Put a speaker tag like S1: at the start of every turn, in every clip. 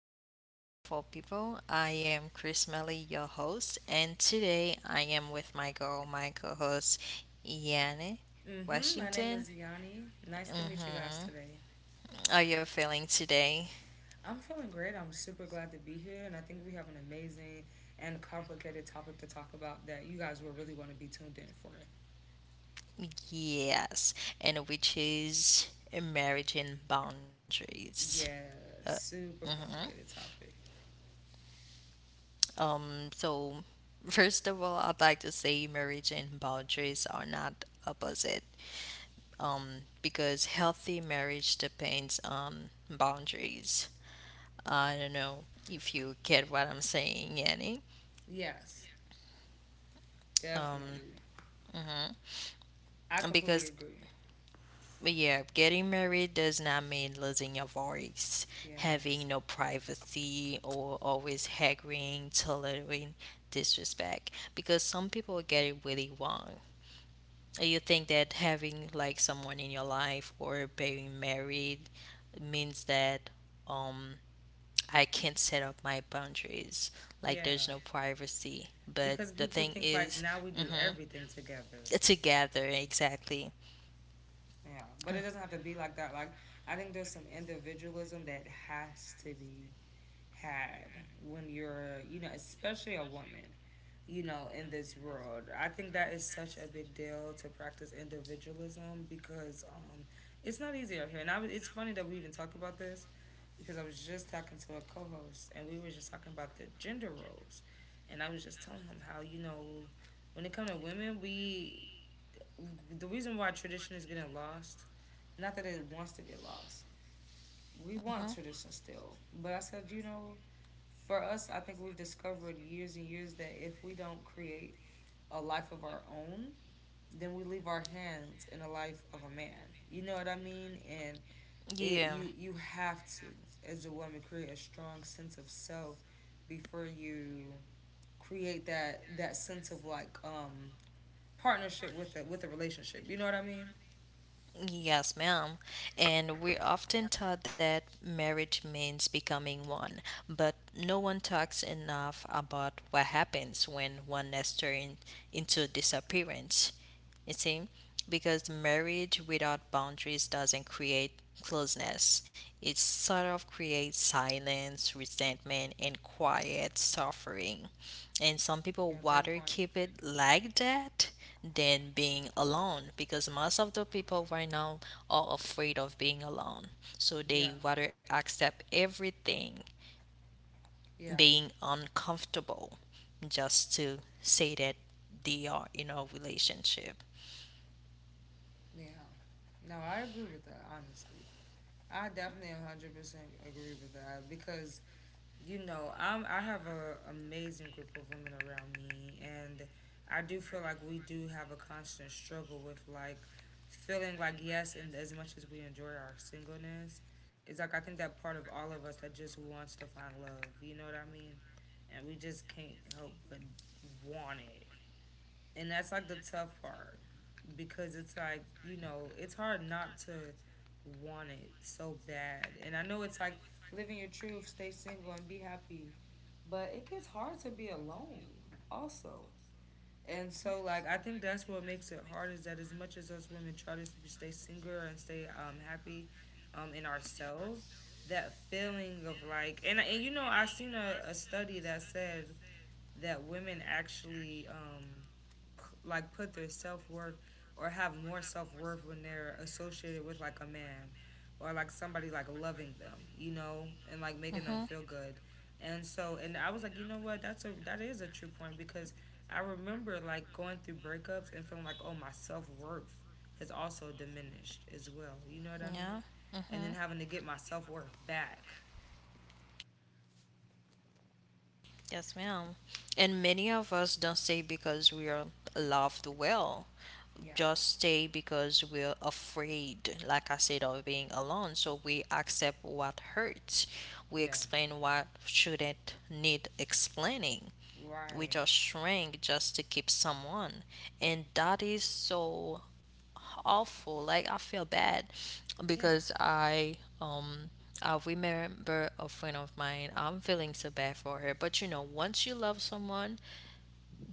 S1: podcast, beautiful people. I am Chris Melly, your host, and today I am with my girl, my co host, Iane
S2: Mm-hmm. My name
S1: Washington.
S2: is Yanni. Nice to meet you guys
S1: hmm
S2: today.
S1: Are you feeling today?
S2: I'm feeling great. I'm super glad to be here, and I think we have an amazing and complicated topic to talk about that you guys will really want to be tuned in for.
S1: Yes, and which is marriage and boundaries.
S2: Yeah,
S1: Uh,
S2: super
S1: mhm.
S2: complicated topic.
S1: So, first of all, I'd like to say marriage and boundaries are not opposite because healthy marriage depends on boundaries. I don't know if you get what I'm saying, Annie.
S2: Yes,
S1: Um,
S2: definitely.
S1: mhm.
S2: I
S1: And
S2: completely
S1: because,
S2: agree.
S1: yeah, getting married does not mean losing your voice, having
S2: Yes.
S1: no privacy, or always haggling, tolerating disrespect. Because some people get it really wrong. You think that having like someone in your life or being married means that um I can't set up my boundaries. Like
S2: Yeah.
S1: there's no privacy. But
S2: Because
S1: the
S2: people
S1: thing
S2: think like
S1: is,
S2: now we do
S1: mm-hmm,
S2: everything together.
S1: together, exactly.
S2: Yeah, but it doesn't have to be like that. Like I think there's some individualism that has to be had when you're, you know, especially a woman, you know, in this world. I think that is such a big deal to practice individualism because it's not easy out here. And it's funny that we even talk about this because I was just talking to a co host and we were just talking about the gender roles. And I was just telling him how, you know, when it comes to women, we, the reason why tradition is getting lost, not that it wants to get lost, we
S1: Mm-hmm.
S2: want tradition still. But I said, you know, for us, I think we've discovered years and years that if we don't create a life of our own, then we leave our hands in the life of a man. You know what I mean? And it
S1: Yeah.
S2: you have to, as a woman, create a strong sense of self before you create that sense of like partnership with a relationship. You know what I mean?
S1: Yes, ma'am. And we're often taught that marriage means becoming one, but no one talks enough about what happens when one nester into disappearance. You see, because marriage without boundaries doesn't create closeness, it sort of creates silence, resentment, and quiet suffering. And some
S2: Yeah,
S1: people
S2: great point.
S1: rather keep it like that than being alone because most of the people right now are afraid of being alone. So
S2: Yeah.
S1: they rather accept everything
S2: Yeah.
S1: being uncomfortable just to say that they are in a relationship.
S2: Yeah. No, I agree with that honestly. I definitely 100% agree with that because, you know, I have a amazing group of women around me and I do feel like we do have a constant struggle with like feeling like yes, and as much as we enjoy our singleness, it's like I think that part of all of us that just wants to find love, you know what I mean? And we just can't help but want it. And that's like the tough part because it's like, you know, it's hard not to want it so bad. And I know it's like living your truth, stay single, and be happy. But it gets hard to be alone also. And so, like, I think that's what makes it hard is that as much as us women try to stay single and stay happy in ourselves, that feeling of like, and you know, I seen a study that said that women actually like put their self worth, or have more self worth when they're associated with like a man or like somebody like loving them, you know, and like making them feel good. And so, and I was like, you know what, that is a true point because I remember like going through breakups and feeling like, oh, my self worth has also diminished as well. You know what I mean?
S1: Yeah.
S2: And then having to get my self worth back.
S1: Yes, ma'am. And many of us don't stay because we are loved well.
S2: Yeah.
S1: Just stay because we're afraid, like I said, of being alone. So we accept what hurts. We
S2: Yeah.
S1: explain what shouldn't need explaining. We
S2: Right.
S1: just shrink just to keep someone. And that is so awful. Like I feel bad
S2: Yeah.
S1: because I remember a friend of mine. I'm feeling so bad for her, but you know, once you love someone,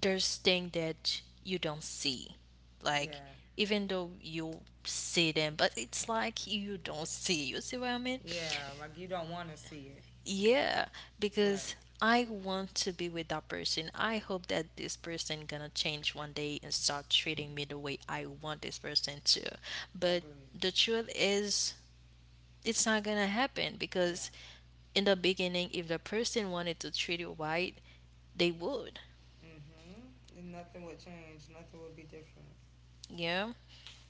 S1: there's things that you don't see. Like
S2: Yeah.
S1: even though you see them, but it's like you don't see. You see what I mean?
S2: Yeah. Like you don't wanna see it.
S1: Yeah, because
S2: Right.
S1: I want to be with that person. I hope that this person gonna change one day and start treating me the way I want this person to. But
S2: Agree.
S1: the truth is, it's not gonna happen
S2: Yeah.
S1: because in the beginning, if the person wanted to treat you right, they would.
S2: Mm-hmm. And nothing would change. Nothing would be different.
S1: Yeah.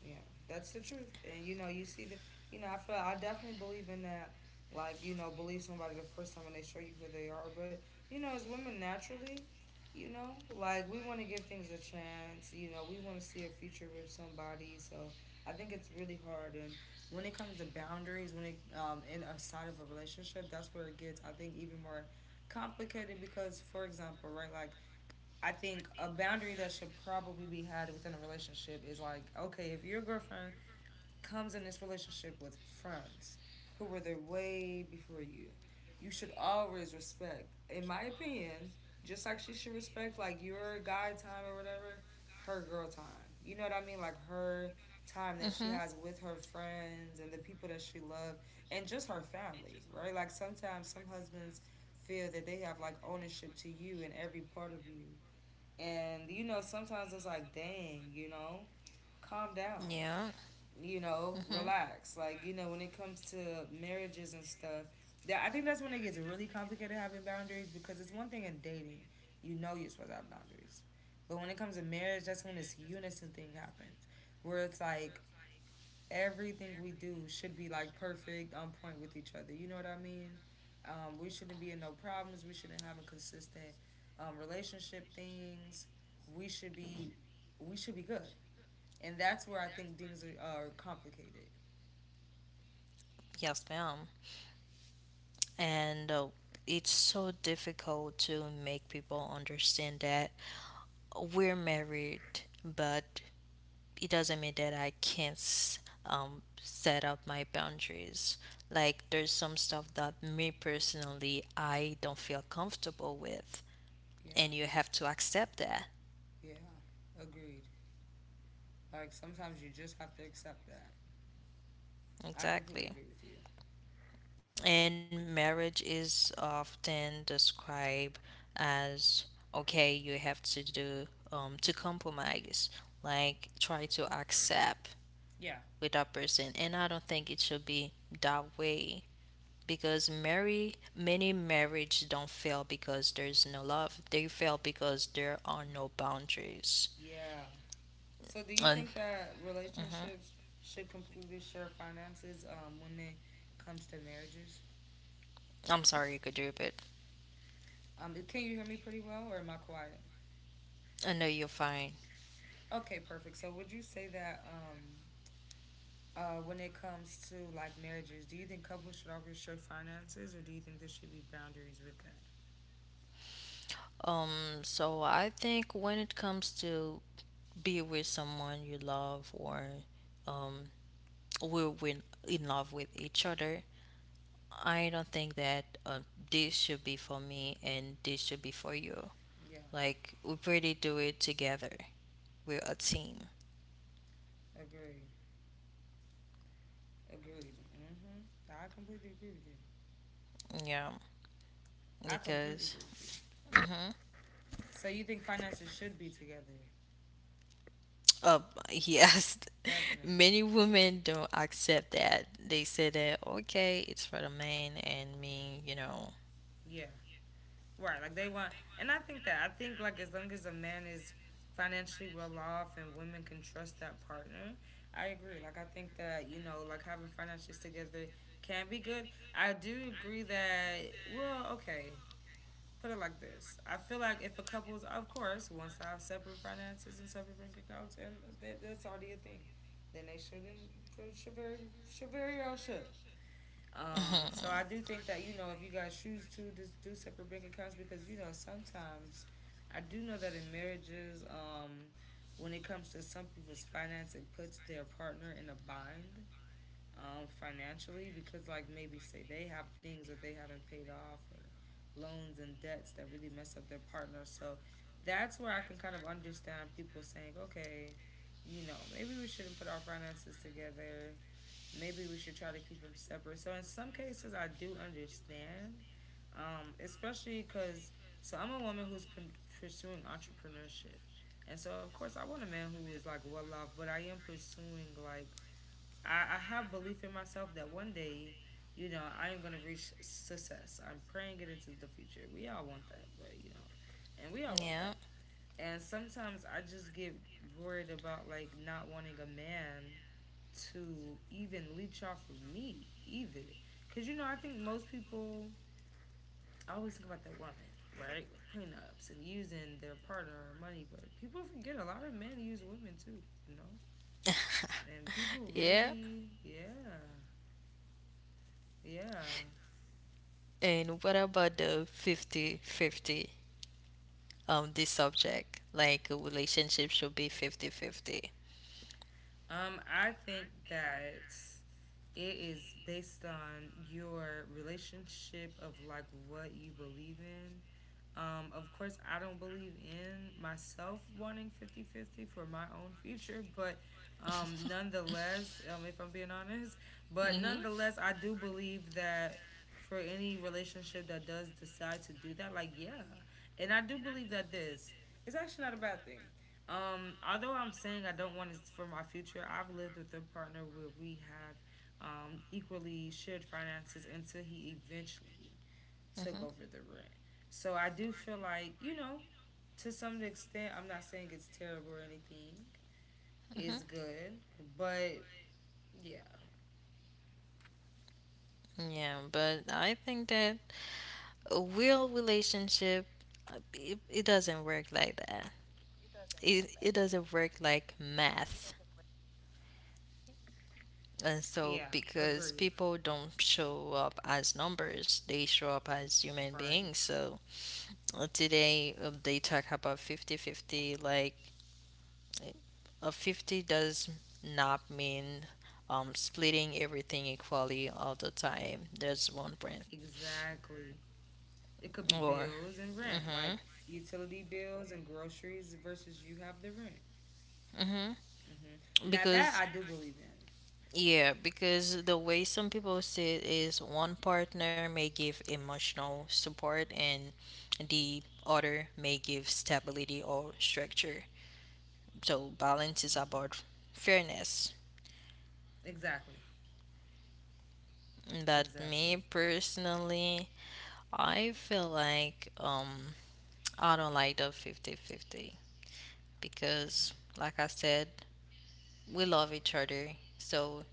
S2: Yeah, that's the truth. And you know, you see the, you know, I feel I definitely believe in that. Like you know, believe somebody the first time when they show you who they are. But you know, as women naturally, you know, like we want to give things a chance. You know, we want to see a future with somebody. So I think it's really hard. And when it comes to boundaries, when it in a side of a relationship, that's where it gets, I think, even more complicated because, for example, right, like I think a boundary that should probably be had within a relationship is like, okay, if your girlfriend comes in this relationship with friends who were there way before you, you should always respect, in my opinion, just like she should respect like your guy time or whatever, her girl time. You know what I mean? Like her time that
S1: Mm-hmm.
S2: she has with her friends and the people that she loves and just her family, right? Like sometimes some husbands feel that they have like ownership to you and every part of you, and you know, sometimes it's like, dang, you know, calm down,
S1: Yeah.
S2: you know,
S1: Mhm.
S2: relax. Like, you know, when it comes to marriages and stuff, that I think that's when it gets really complicated having boundaries because it's one thing in dating, you know you're supposed to have boundaries. But when it comes to marriage, that's when this unison thing happens. Where it's like everything we do should be like perfect, on point with each other. You know what I mean? We shouldn't be in no problems. We shouldn't have inconsistent relationship things. We should be we should be good, and that's where I think things are complicated.
S1: Yes, ma'am. And it's so difficult to make people understand that we're married, but it doesn't mean that I can't set up my boundaries. Like, there's some stuff that me personally, I don't feel comfortable with,
S2: Yeah,
S1: and you have to accept that.
S2: yeah, agreed. Like sometimes you just have to accept that. I completely
S1: Exactly.
S2: agree with you.
S1: And marriage is often described as okay, you have to do to compromise, like try to accept
S2: Yeah.
S1: with that person. And I don't think it should be that way because marry many marriage don't fail because there's no love. They fail because there are no boundaries.
S2: Yeah. So do you
S1: And
S2: think that
S1: hmm
S2: relationships should completely share finances when it comes to marriages?
S1: I'm sorry, could you repeat?
S2: Can you hear me pretty well, or am I quiet?
S1: I know you're fine.
S2: Okay, perfect. So, would you say that when it comes to like marriages, do you think couples should always share finances, or do you think there should be boundaries with that?
S1: So I think when it comes to be with someone you love or um, in love with each other, I don't think that this should be for me and this should be for you.
S2: Yeah,
S1: Like we pretty do it together. We're a team.
S2: agreed. Agreed. Mm-hmm. I completely agree with you.
S1: Yeah,
S2: I completely
S1: because.
S2: agree with you.
S1: Mhm.
S2: So you think finances should be together?
S1: uh, yes,
S2: Definitely.
S1: many women don't accept that. They say that okay, it's for the man and me. You know.
S2: Yeah. Right, like they want, and I think like as long as a man is financially well off and women can trust that partner, I agree. Like I think that, you know, like having finances together can be good. I do agree that, well, okay, put it like this. I feel like if a couple's, of course, wants to have separate finances and separate bank accounts, and that's already a thing, then they shouldn't, should very well should. So I do think that, you know, if you guys choose to just do separate bank accounts because you know sometimes I do know that in marriages, when it comes to some people's finance, it puts their partner in a bind financially because like maybe say they have things that they haven't paid off or loans and debts that really mess up their partner. So that's where I can kind of understand people saying, okay, you know, maybe we shouldn't put our finances together, maybe we should try to keep them separate. So in some cases, I do understand, especially because I'm a woman who's pursuing entrepreneurship, and so of course I want a man who is like well off, but I am pursuing like I have belief in myself that one day. You know, I am gonna reach success. I'm praying it into the future. We all want that, but you know, and we all want
S1: Yeah.
S2: that. And sometimes I just get worried about like not wanting a man to even leech off of me either. Because, you know, I think most people, I always think about the woman, right, with prenups and using their partner or money, but people forget a lot of men use women too, you know? And people
S1: Yeah.
S2: really, yeah, yeah.
S1: And what about the 50-fifty 50 this subject? Like a relationship should be
S2: I think that it is based on your relationship of like what you believe in. Of course, I don't believe in myself wanting 50-50 for my own future, but nonetheless, if I'm being honest, but nonetheless, I do believe that for any relationship that does decide to do that, like, yeah. And I do believe that this is actually not a bad thing. Although I'm saying I don't want it for my future, I've lived with a partner where we have equally shared finances until he eventually
S1: 50
S2: took
S1: 50.
S2: over the rent. So I do feel like, you know, to some extent, I'm not saying it's terrible or anything.
S1: Mm-hmm.
S2: It's good. But yeah.
S1: Yeah, but I think that a real relationship it doesn't work like that. It doesn't work like math. And so,
S2: Yeah,
S1: because
S2: agreed.
S1: people don't show up as numbers, they show up as human
S2: Right.
S1: beings. So, today they talk about 50-50. Like, eh, a 50 does not mean splitting everything equally all the time. There's one brand.
S2: Exactly. It could be
S1: Or,
S2: bills and rent,
S1: mm
S2: like utility bills and groceries versus you have the rent.
S1: hmm, mm hmm.
S2: Hmm. Now that
S1: Because
S2: I do believe in.
S1: Yeah, because the way some people see it is one partner may give emotional support and the other may give stability or structure. So balance is about fairness.
S2: Exactly.
S1: But me
S2: Exactly.
S1: personally, I feel like I don't like the 50-50 because like I said, we love each other. So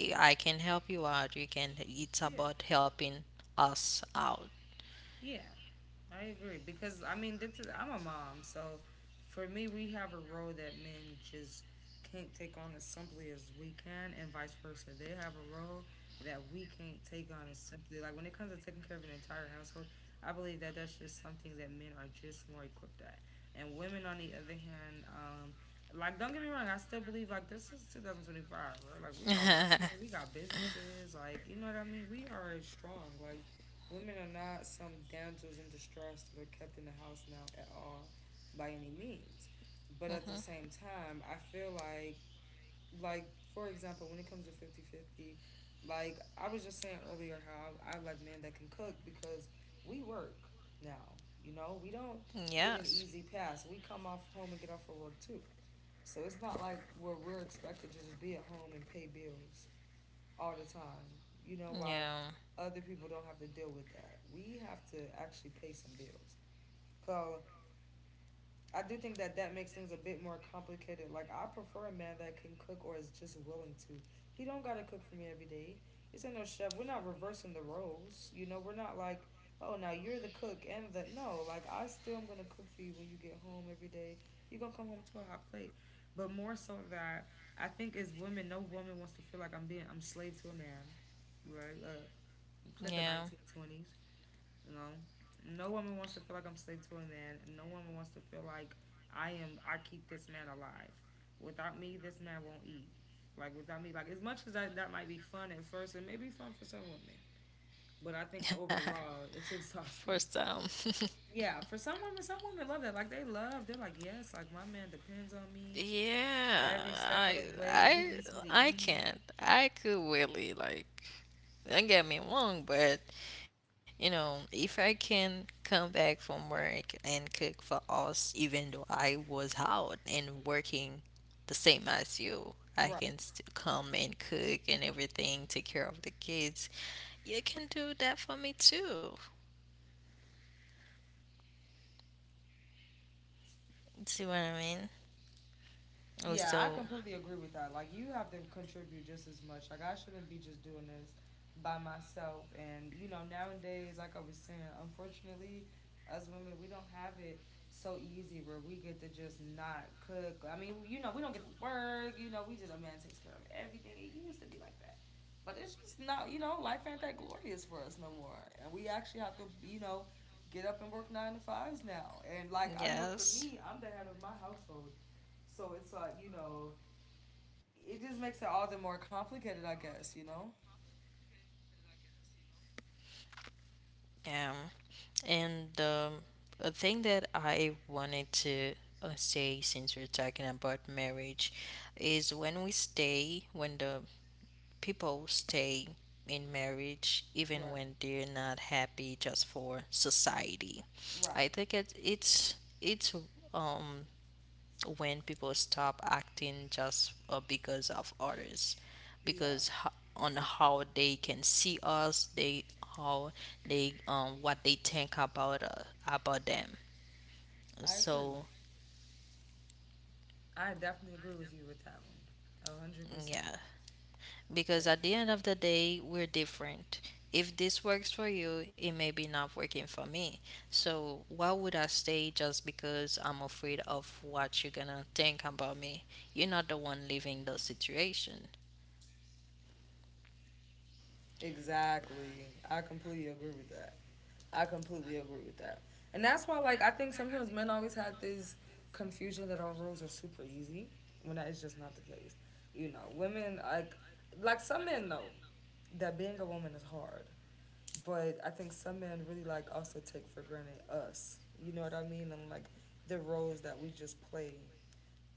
S1: I can help you out. You can it's
S2: Yeah.
S1: about helping us out.
S2: Yeah, I agree because I mean this is, I'm a mom, so for me, we have a role that men just can't take on as simply as we can, and vice versa. They have a role that we can't take on as simply, like when it comes to taking care of an entire household. I believe that that's just something that men are just more equipped at, and women on the other hand, like don't get me wrong, I still believe like this is 2025, right? Like we are working, we got businesses, like you know what I mean. We are strong, like women are not some damsels in distress that are kept in the house now at all by any means. But at the same time, I feel like for example, when it comes to 50/50, like I was just saying earlier how I like men that can cook because we work now. You know, we don't get an
S1: Yes.
S2: easy pass. We come off home and get off of work too. So it's not like where we're expected to just be at home and pay bills all the time. You know why
S1: Yeah.
S2: other people don't have to deal with that. We have to actually pay some bills. So I do think that that makes things a bit more complicated. Like I prefer a man that can cook or is just willing to. He don't gotta cook for me every day. It's ain't no chef. We're not reversing the roles. You know, we're not like, oh, now you're the cook and the no. Like I still am gonna cook for you when you get home every day. You're gonna come home to a hot plate. But more so that I think as women, no woman wants to feel like I'm slave to a man. Right, in the
S1: Yeah.
S2: 1920s, you know. No woman wants to feel like I'm slave to a man. No woman wants to feel like I keep this man alive. Without me, this man won't eat. Like, without me, like, as much as that might be fun at first, it may be fun for some women. But I think overall, it's exhausting.
S1: First time.
S2: Yeah, for some women love that. Like, they love, they're like, yes, like, my man depends on me
S1: Yeah,
S2: every step of
S1: I
S2: the way. He
S1: I
S2: needs me to
S1: I
S2: eat.
S1: can't. I could really like don't get me wrong, but you know, if I can come back from work and cook for us even though I was out and working the same as you, I
S2: Right.
S1: can still come and cook and everything, take care of the kids. You can do that for me too. See what I mean?
S2: Yeah, I
S1: Also,
S2: completely agree with that. Like, you have to contribute just as much. Like, I shouldn't be just doing this by myself. And, you know, nowadays, like I was saying, unfortunately, us women, we don't have it so easy where we get to just not cook. I mean, you know, we don't get to work. You know, we just, a man takes care of everything. It used to be like that. But it's just not, you know, life ain't that glorious for us no more. And we actually have to, you know, get up and work 9 to 5s now. And, like, I know for me,
S1: yes.
S2: I'm the head of my household. So it's like, you know, it just makes it all the more complicated, I guess, you know?
S1: Um, and a thing that I wanted to say since we're talking about marriage is when the people stay in marriage, even
S2: Right.
S1: when they're not happy just for society.
S2: Right.
S1: I think it's, um, when people stop acting just because of others
S2: Yeah,
S1: because on how they can see us, they, how they what they think about them,
S2: I agree.
S1: so
S2: I definitely agree with you with that one. 100%.
S1: yeah,
S2: Yeah.
S1: because at the end of the day we're different. If this works for you, it may be not working for me. So why would I stay just because I'm afraid of what you're gonna think about me? You're not the one living the situation.
S2: Exactly. I completely agree with that. I completely agree with that. And that's why, like, I think sometimes men always had this confusion that our roles are super easy when that is just not the case. You know, women, like some men know that being a woman is hard, but I think some men really like also take for granted us. You know what I mean? And like the roles that we just play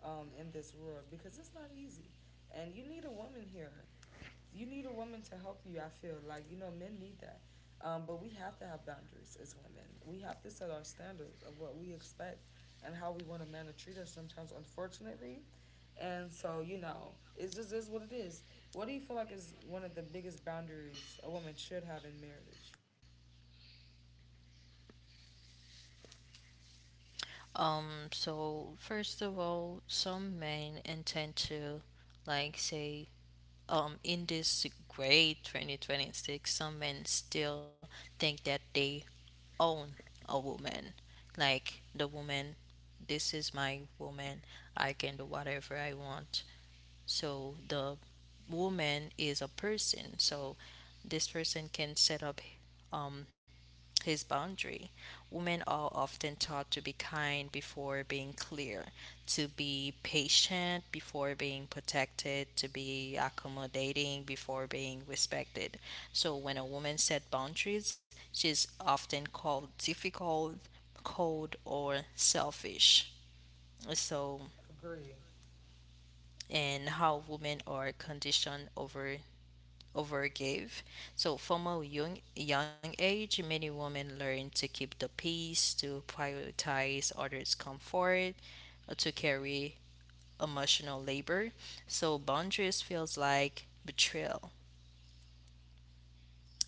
S2: in this world because it's not easy. And you need a woman here. You need a woman to help you. I feel like men need that. But we have to have boundaries as women. We have to set our standards of what we expect and how we want a man to treat us sometimes, unfortunately. And so, you know, it just is what it is. What do you feel like is one of the biggest boundaries a woman should have in marriage?
S1: So first of all, some men intend to, like, say, in this great 2026, some men still think that they own a woman. Like, the woman, this is my woman, I can do whatever I want. So, the woman is a person, so this person can set up um, his boundary. Women are often taught to be kind before being clear, to be patient before being protected, to be accommodating before being respected. So when a woman set boundaries, she's often called difficult, cold, or selfish. So,
S2: Agree.
S1: and how women are conditioned overgave. So from a young age, many women learn to keep the peace, to prioritize others' comfort, to carry emotional labor. So boundaries feels like betrayal,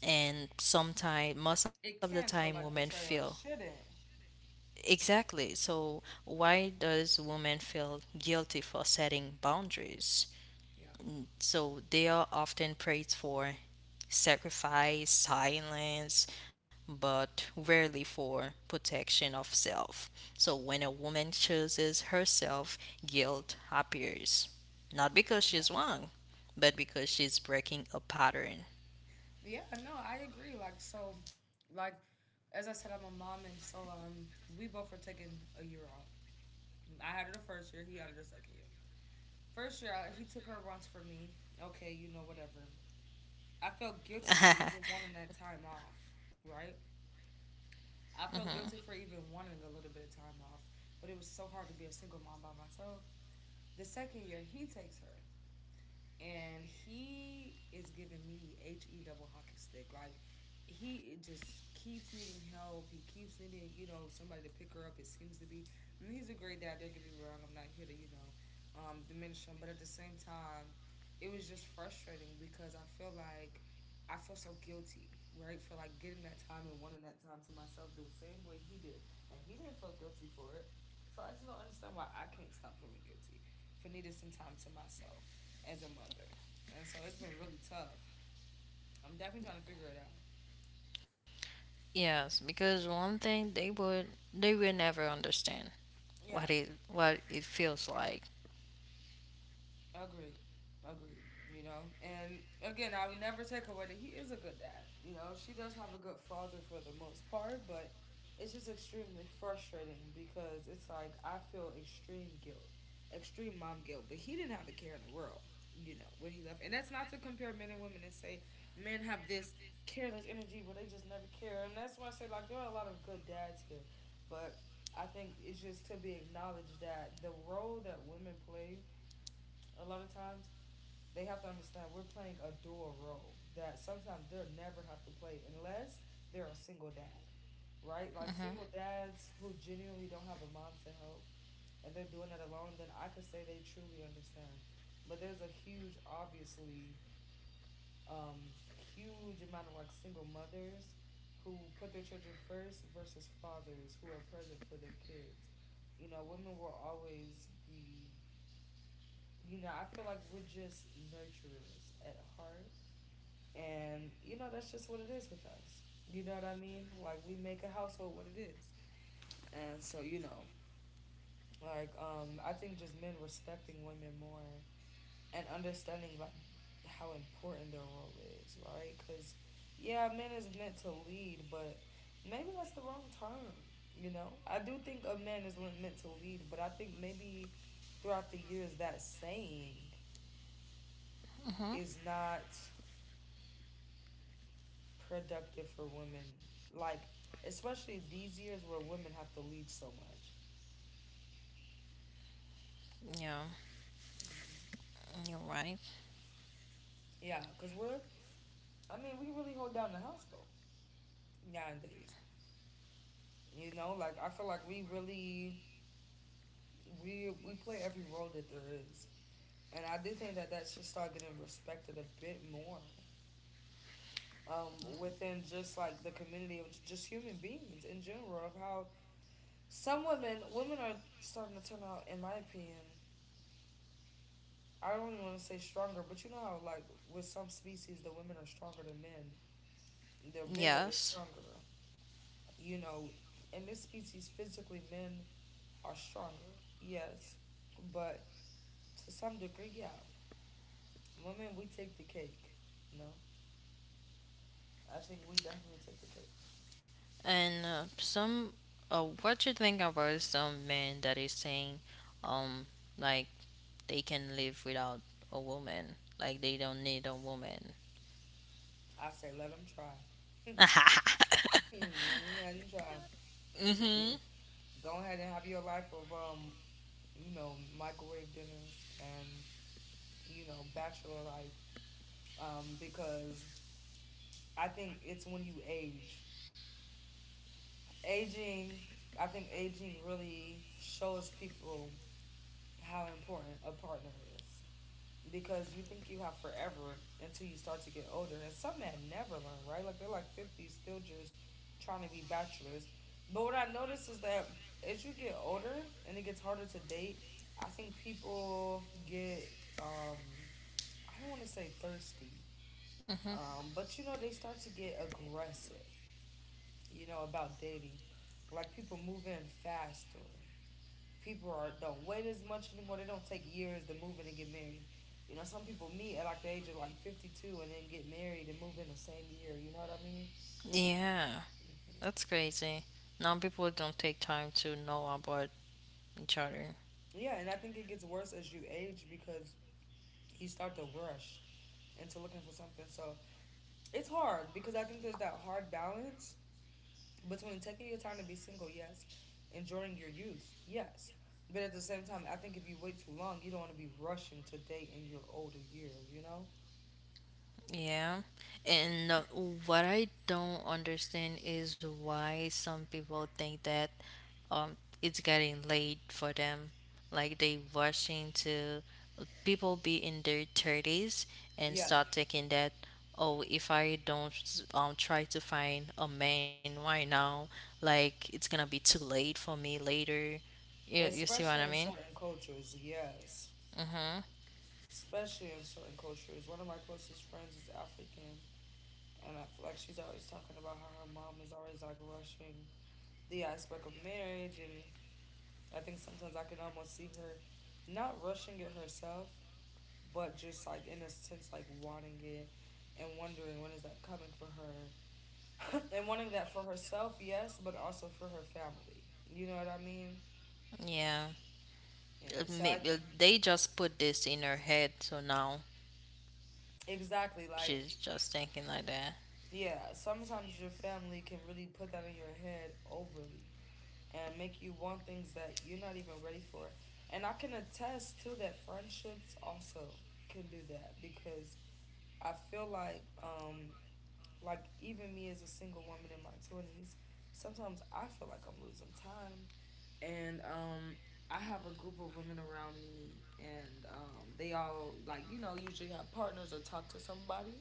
S1: and sometimes most of the
S2: It
S1: time
S2: can feel
S1: women
S2: like
S1: feel.
S2: betrayal. It shouldn't.
S1: Exactly. So why does women feel guilty for setting boundaries?
S2: Yeah.
S1: So they are often praised for sacrifice silence, but rarely for protection of self. So when a woman chooses herself, guilt appears. Not because
S2: Yeah.
S1: she's wrong, but because she's breaking a pattern.
S2: Yeah, no, I agree. Like so like as I said, I'm a mom and so we both were taking a year off. I had her the first year, he had her the second year. First year he took her once for me. Okay, you know whatever. I felt guilty for even wanting that time off, right? I felt guilty for even wanting a little bit of time off, but it was so hard to be a single mom by myself. The second year he takes her, and he is giving me H E double hockey stick. Like he just keeps needing help. He keeps needing, you know, somebody to pick her up. It seems to be. I mean, he's a great dad. Don't get me wrong. I'm not here to, diminish him. But at the same time, it was just frustrating because I feel like I feel so guilty, right, for like getting that time and wanting that time to myself the same way he did, and he didn't feel guilty for it. So I just don't understand why I can't stop feeling guilty for needing some time to myself as a mother. And so it's been really tough. I'm definitely trying to figure it out.
S1: Yes, because one thing they will never understand
S2: Yeah.
S1: what it feels like.
S2: Agreed. Agreed. You know, and again, I would never take away that he is a good dad. You know, she does have a good father for the most part, but it's just extremely frustrating because it's like I feel extreme guilt, extreme mom guilt, but he didn't have a care in the world, you know, when he left. And that's not to compare men and women and say men have this careless energy where they just never care. And that's why I say, like, there are a lot of good dads here, but I think it's just to be acknowledged that the role that women play a lot of times they have to understand we're playing a dual role that sometimes they'll never have to play unless they're a single dad, right? Like single dads who genuinely don't have a mom to help and they're doing it alone, then I could say they truly understand. But there's a huge, obviously, huge amount of like single mothers who put their children first versus fathers who are present for their kids. You know, women will always be, you know, I feel like we're just nurturers at heart. And, you know, that's just what it is with us. You know what I mean? Like, we make a household what it is. And so, you know, like, I think just men respecting women more and understanding, like, how important their role is, right? Because, yeah, men is meant to lead, but maybe that's the wrong term, you know? I do think a man is meant to lead, but I think maybe throughout the years that saying is not productive for women, like especially these years where women have to lead so much.
S1: Yeah,
S2: Mm-hmm.
S1: you're right.
S2: Yeah, cause we're I mean we really hold down the household nowadays. You know, like I feel like we really we play every role that there is, and I do think that that should start getting respected a bit more within just like the community of just human beings in general of how some women are starting to turn out in my opinion. I don't even want to say stronger, but you know how like with some species the women are stronger than men. They're bigger, they're
S1: Yes.
S2: stronger. You know, in this species physically men are stronger. Yes. But to some degree, yeah. Women we take the cake, you know. I think we definitely take the cake.
S1: And what you think about some men that is saying, um, like they can live without a woman, like they don't need a woman.
S2: I say let them try. Let them try. You
S1: Hmm.
S2: know, go ahead and have your life of you know, microwave dinners and you know, bachelor life because I think it's when you age. Aging, I think aging really shows people how important a partner is. Because you think you have forever until you start to get older. And some men never learn, right? Like they're like 50, still just trying to be bachelors. But what I notice is that as you get older and it gets harder to date, I think people get, um, I don't want to say thirsty, but you know, they start to get aggressive, you know, about dating. Like people move in fast or people are don't wait as much anymore. They don't take years to move in and get married. You know, some people meet at like the age of like 52 and then get married and move in the same year. You know what I mean?
S1: Yeah,
S2: Hmm.
S1: that's crazy. Now people don't take time to know about each other.
S2: Yeah, and I think it gets worse as you age because you start to rush into looking for something. So it's hard because I think there's that hard balance between taking your time to be single, yes, enjoying your youth, yes. But at the same time, I think if you wait too long, you don't want to be rushing to date in your older years, you know?
S1: Yeah. And what I don't understand is why some people think that um, it's getting late for them. Like they rushing to people be in their 30s and
S2: Yeah.
S1: start thinking that, oh, if I don't try to find a man right now, like it's gonna be too late for me later. You see what
S2: Especially
S1: I
S2: in
S1: mean?
S2: certain cultures, yes.
S1: Mm-hmm.
S2: Especially in certain cultures. One of my closest friends is African, and I feel like she's always talking about how her mom is always like rushing the aspect of marriage. And I think sometimes I can almost see her not rushing it herself, but just like in a sense like wanting it and wondering when is that coming for her and wanting that for herself, yes, but also for her family, you know what I mean?
S1: Yeah.
S2: Yeah, so I
S1: Maybe they just put this in her head, so now
S2: exactly like
S1: she's just thinking like that.
S2: yeah, sometimes your family can really put that in your head overly and make you want things that you're not even ready for. And I can attest to that. Friendships also can do that because I feel like even me as a single woman in my 20s, sometimes I feel like I'm losing time. And I have a group of women around me, and they all, like, you know, usually have partners or talk to somebody.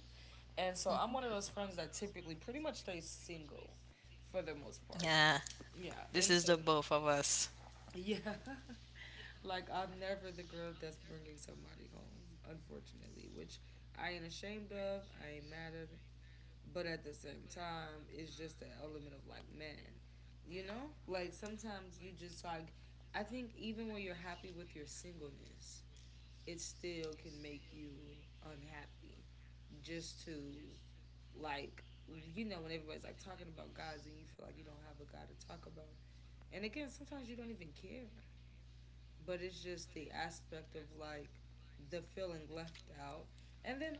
S2: And so I'm one of those friends that typically pretty much stays single for the most part.
S1: Yeah,
S2: Yeah,
S1: this
S2: and
S1: is the
S2: so
S1: both of us.
S2: yeah. Like I'm never the girl that's bringing somebody home, unfortunately, which I ain't ashamed of, I ain't mad at it. But at the same time, it's just the element of like, man, you know? Like sometimes you just like, I think even when you're happy with your singleness, it still can make you unhappy. Just to, like, you know, when everybody's like talking about guys and you feel like you don't have a guy to talk about. And again, sometimes you don't even care, but it's just the aspect of like the feeling left out. And then,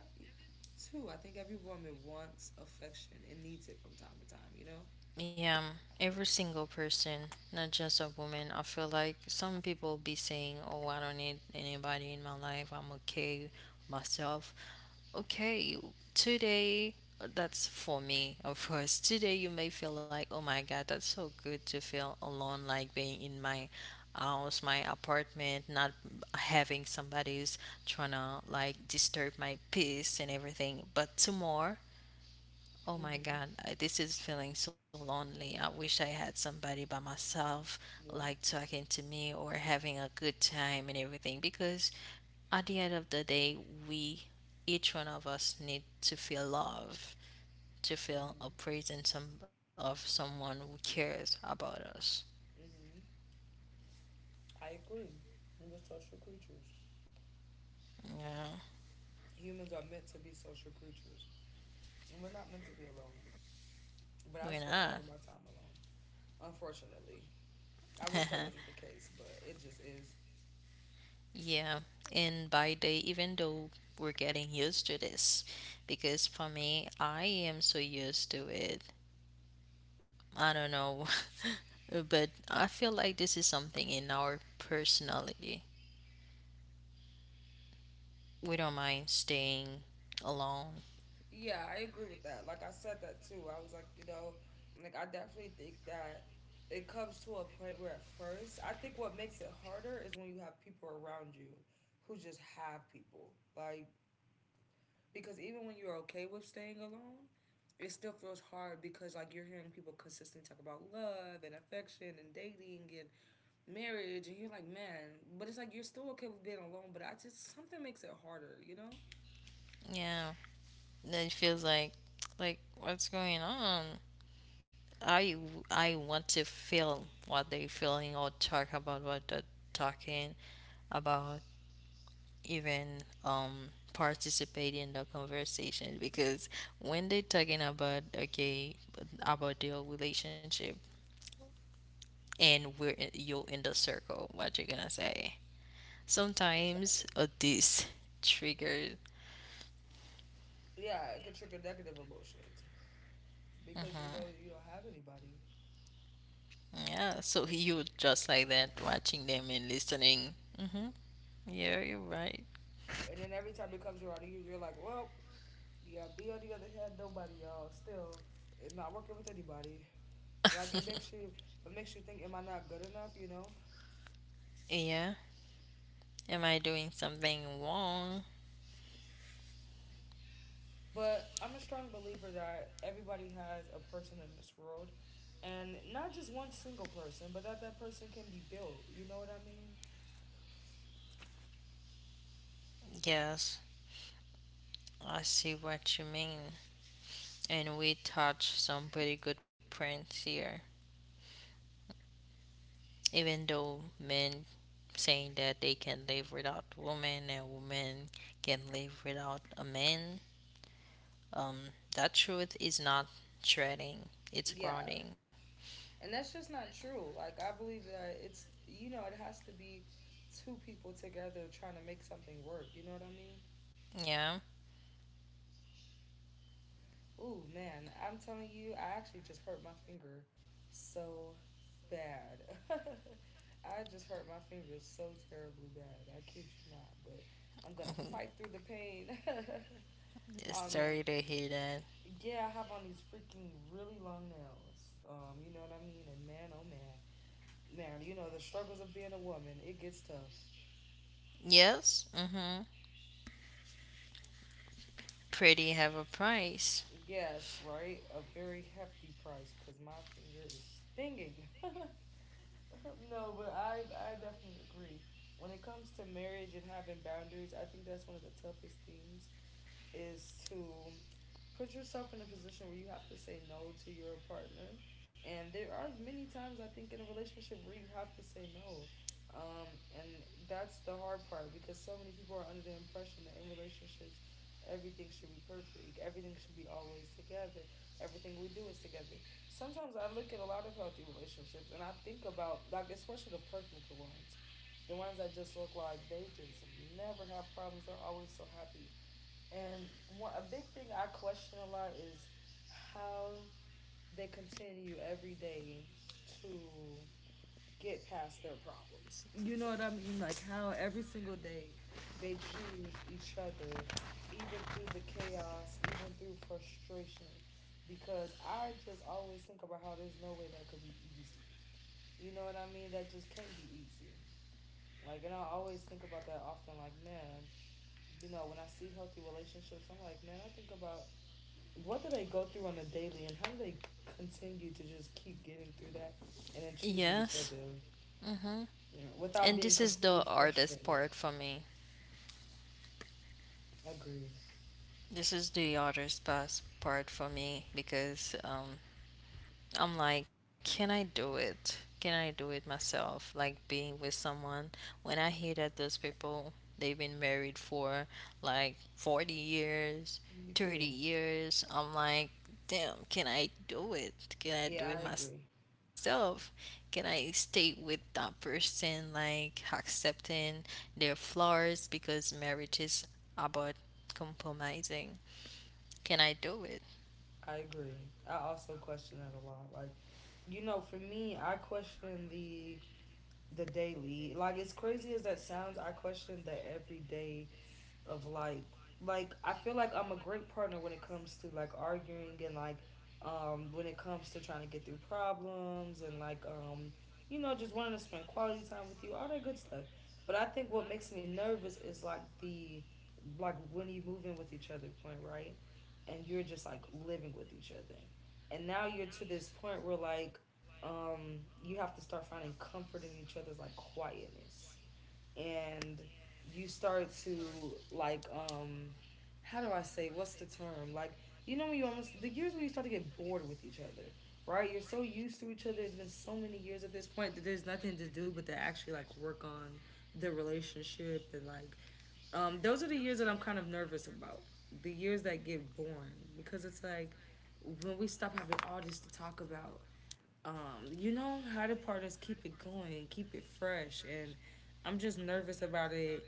S2: too, I think every woman wants affection and needs it from time to time, you know?
S1: Yeah, every single person, not just a woman. I feel like some people be saying, "Oh, I don't need anybody in my life. I'm okay with myself. Okay, today that's for me, of course. Today you may feel like, oh my God, that's so good to feel alone, like being in my house, my apartment, not having somebody's trying to like disturb my peace and everything. But tomorrow, oh my
S2: Mm-hmm.
S1: God, this is feeling so lonely. I wish I had somebody by myself, like
S2: Yeah.
S1: talking to me or having a good time and everything because at the end of the day, we, each one of us, need to feel love, to feel
S2: Mm-hmm.
S1: a presence of someone who cares about us.
S2: Mm-hmm. I agree. We're social creatures.
S1: Yeah,
S2: Humans are meant to be social creatures. And we're not meant to be alone. But I
S1: we're
S2: spend a lot
S1: not.
S2: of my time alone, unfortunately. I wish that wasn't the case, but it just is.
S1: Yeah, and by day, even though we're getting used to this, because for me, I am so used to it. I don't know, but I feel like this is something in our personality. We don't mind staying alone.
S2: Yeah, I agree with that. Like I said that too. I was like, you know, like I definitely think that it comes to a point where at first, I think what makes it harder is when you have people around you who just have people. Like because even when you're okay with staying alone, it still feels hard because like you're hearing people consistently talk about love and affection and dating and marriage and you're like, man, but it's like you're still okay with being alone, but I just, something makes it harder, you know?
S1: Yeah, then it feels like what's going on. I i want to feel what they feeling or talk about what they're talking about, even participate in the conversation because when they're talking about okay about their relationship and you're in the circle what you're gonna say sometimes
S2: Exactly.
S1: this triggered.
S2: Yeah, it could trigger negative emotions, because you know
S1: hmm
S2: you don't have anybody.
S1: yeah, so you're just like that watching them and listening. Hmm. Yeah, you're right.
S2: And then every time it comes around to you, you're like, well, yeah, be on the other hand, nobody, y'all. Still, it's not working with anybody. Like it makes you think, am I not good enough? You know.
S1: Yeah. Am I doing something wrong?
S2: But I'm a strong believer that everybody has a person in this world, and not just one single person, but that that person can be built. You know what I mean?
S1: Yes, I see what you mean. And we touch some pretty good prints here. Even though men saying that they can live without women and women can live without a man, um, that truth is not shredding, it's
S2: Yeah.
S1: grounding.
S2: And that's just not true. Like I believe that it's, you know, it has to be two people together trying to make something work, you know what I mean?
S1: Yeah,
S2: Ooh man, I'm telling you, I actually just hurt my finger so bad. I just hurt my finger so terribly bad. I kid you not, but I'm gonna
S1: mhm.
S2: fight through the pain. Oh
S1: It's
S2: man.
S1: sorry to hear that.
S2: Yeah, I have on these freaking really long nails. You know what I mean? And man, oh man. Man, you know the struggles of being a woman, it gets tough.
S1: Yes, mm-hmm. Pretty have a price.
S2: Yes, right? A very hefty price because my finger is stinging. No, but I definitely agree. When it comes to marriage and having boundaries, I think that's one of the toughest things is to put yourself in a position where you have to say no to your partner. And there are many times I think in a relationship where you have to say no. um, and that's the hard part, because so many people are under the impression that in relationships everything should be perfect, everything should be always together, everything we do is together. Sometimes I look at a lot of healthy relationships and I think about, like, especially the perfect ones, the ones that just look like they just never have problems, they're always so happy. And one, a big thing I question a lot is how they continue every day to get past their problems. You know what I mean? Like how every single day they choose each other, even through the chaos, even through frustration. Because I just always think about how there's no way that could be easy. You know what I mean? That just can't be easy. Like, and I always think about that often. Like, man, you know, when I see healthy relationships, I'm like, man, I think about what did I go through on a daily, and how did I continue to just keep getting through that, and then choosing each
S1: Yes,
S2: other,
S1: mm-hmm.
S2: you know, without
S1: And
S2: being
S1: this is the
S2: completely
S1: hardest
S2: frustrated?
S1: part for me.
S2: Agreed.
S1: This is the hardest part for me because I'm like, can I do it? Can I do it myself? Like being with someone. When I hear that those people, they've been married for like 40 years,
S2: Me
S1: 30
S2: too.
S1: years, I'm like, damn, can I do it? Can I
S2: Yeah,
S1: do
S2: I
S1: it
S2: agree.
S1: myself? Can I stay with that person, like accepting their flaws because marriage is about compromising? Can I do it?
S2: I agree. I also question that a lot. Like, you know, for me, I question the daily. Like, as crazy as that sounds, I question the everyday of like I feel like I'm a great partner when it comes to like arguing and like, when it comes to trying to get through problems and like, you know, just wanting to spend quality time with you, all that good stuff. But I think what makes me nervous is like the, like when you move in with each other point, right? And you're just like living with each other, and now you're to this point where like, you have to start finding comfort in each other's like quietness. And you start to, like, how do I say, what's the term? Like, you know, when you almost, the years where you start to get bored with each other, right? You're so used to each other. It's been so many years at this point that there's nothing to do but to actually like work on the relationship and like, those are the years that I'm kind of nervous about. The years that get boring, because it's like, when we stop having all this to talk about, you know, how the part is keep it going, keep it fresh, and I'm just nervous about it.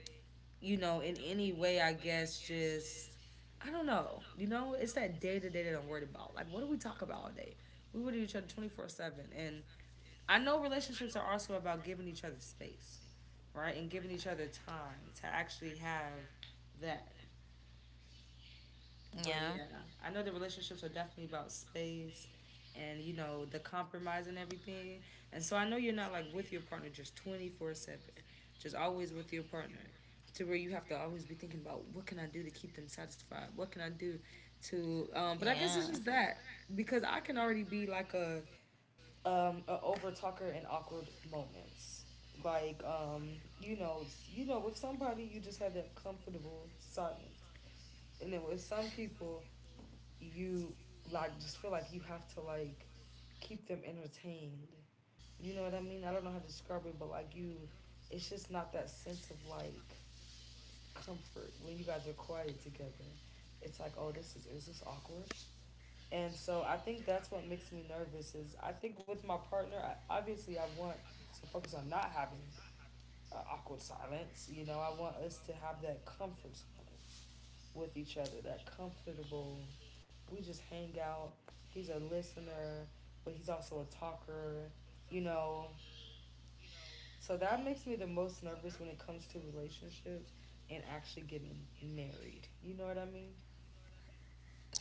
S2: You know, in any way, I guess just, I don't know. You know, it's that day to day that I'm worried about. Like, what do we talk about all day? We would each other 24/7, and I know relationships are also about giving each other space, right, and giving each other time to actually have that. But
S1: Yeah.
S2: yeah, I know the relationships are definitely about space and, you know, the compromise and everything. And so I know you're not like with your partner just 24/7, just always with your partner, to where you have to always be thinking about, what can I do to keep them satisfied? What can I do to, but I guess it's
S1: Yeah.
S2: just that. Because I can already be like a, a over talker in awkward moments. Like, you know, you know, with somebody you just have that comfortable silence. And then with some people you like just feel like you have to like keep them entertained. You know what I mean? I don't know how to describe it, but like you, it's just not that sense of like comfort when you guys are quiet together. It's like, oh, this is this awkward? And so I think that's what makes me nervous. Is I think with my partner, I, obviously I want to focus on not having awkward silence. You know, I want us to have that comfort silence with each other, that comfortable, we just hang out. He's a listener, but he's also a talker, you know. So that makes me the most nervous when it comes to relationships and actually getting married. You know what I mean?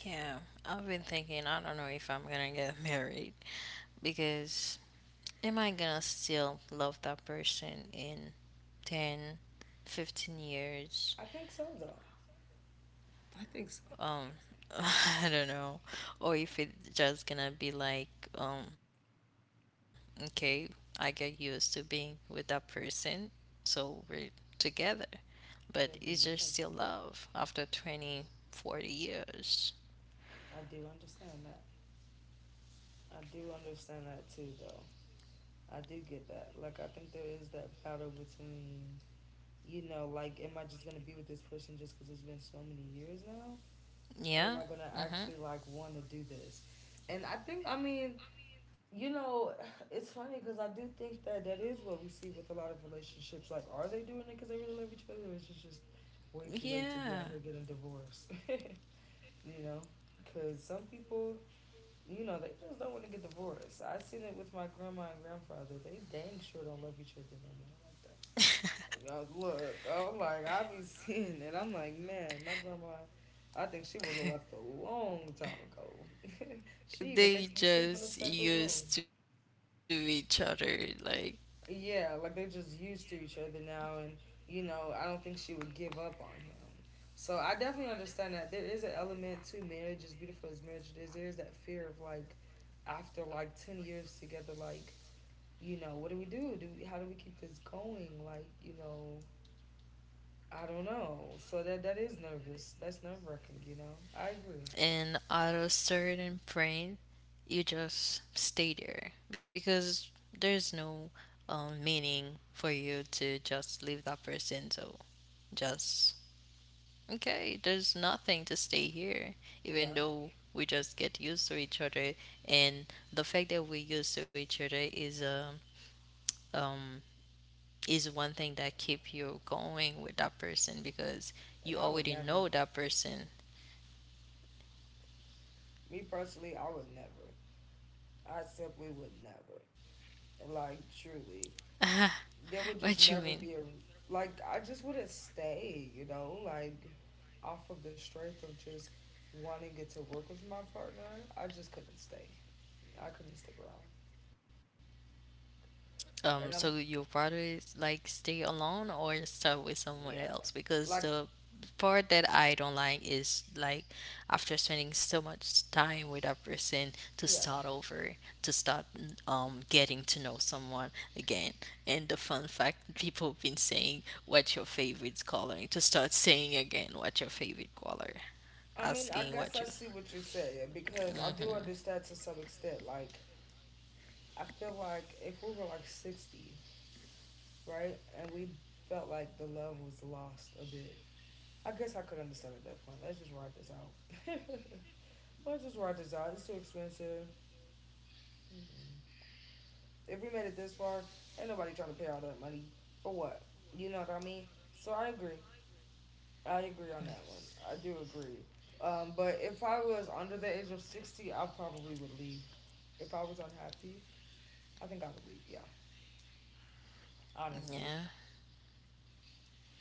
S1: Yeah, I've been thinking, I don't know if I'm gonna get married because am I gonna still love that person in 10, 15 years?
S2: I think so, though. I think so.
S1: um I don't know, or if it's just gonna be like, um, okay, I get used to being with that person, so we're together. But is there still
S2: Agreed.
S1: love
S2: I get
S1: after
S2: that.
S1: 20, 40 years?
S2: I do understand that. I do understand that too, though. I do get that. Like, I think there is that battle between, you know, like, am I just gonna be with this person just because it's been so many years now? Am
S1: Yeah?
S2: i gonna
S1: Mm-hmm.
S2: actually like want to do this? And I think, I mean, you know, it's funny because I do think that that is what we see with a lot of relationships. Like, are they doing it because they really love each other? Or is it just way too
S1: Yeah.
S2: late to be out here getting divorced? You know, because some people, you know, they just don't want to get divorced. I seen it with my grandma and grandfather. They dang sure don't love each other no more like that. Look, I'm like, I be seeing it. I'm like, man, my grandma, I think she would have left a long time ago. She even
S1: They
S2: makes them sleep in a
S1: just
S2: separate room.
S1: used to each other, like,
S2: Yeah, like they're just used to each other now, and you know, I don't think she would give up on him. So I definitely understand that there is an element to marriage, as beautiful as marriage it is. There is that fear of, like, after like 10 years together, like, you know, what do we do? How do we keep this going? Like, you know, I don't know. So that is nervous. That's nerve wracking, you know. I agree.
S1: in auto start and print, you just stay there because there's no meaning for you to just leave that person. So just okay, there's nothing to stay here, even
S2: Yeah.
S1: though we just get used to each other, and the fact that we're used to each other um is one thing that keep you going with that person because
S2: And
S1: you
S2: I would
S1: already
S2: never.
S1: know that person.
S2: Me personally, I would never. I simply would never. Like truly. There would
S1: What
S2: just
S1: you
S2: never
S1: mean?
S2: be a— like, I just wouldn't stay, you know, like off of the strength of just wanting it to work with my partner. I just couldn't stay. I couldn't stick around. And
S1: Um,
S2: I'm
S1: so you rather like stay alone or start with someone
S2: yeah.
S1: else? Because
S2: Like,
S1: the part that I don't like is like after spending so much time with a person to
S2: yeah.
S1: start over, to start getting to know someone again. And the fun fact, people have been saying what's your favorite color, to start saying again what's your favorite color,
S2: I mean, I
S1: asking
S2: guess
S1: what
S2: I
S1: you.
S2: see what you're saying because I do
S1: Hmm.
S2: understand to some extent. Like, I feel like if we were like 60, right, and we felt like the love was lost a bit, I guess I could understand at that point. Let's just ride this out. Let's just ride this out. It's too expensive. Mm-mm. If we made it this far, ain't nobody trying to pay all that money for what? You know what I mean? So I agree. I agree on that one. I do agree. But if I was under the age of 60, I probably would leave. If I was unhappy, I think I would leave. Yeah, honestly.
S1: Yeah,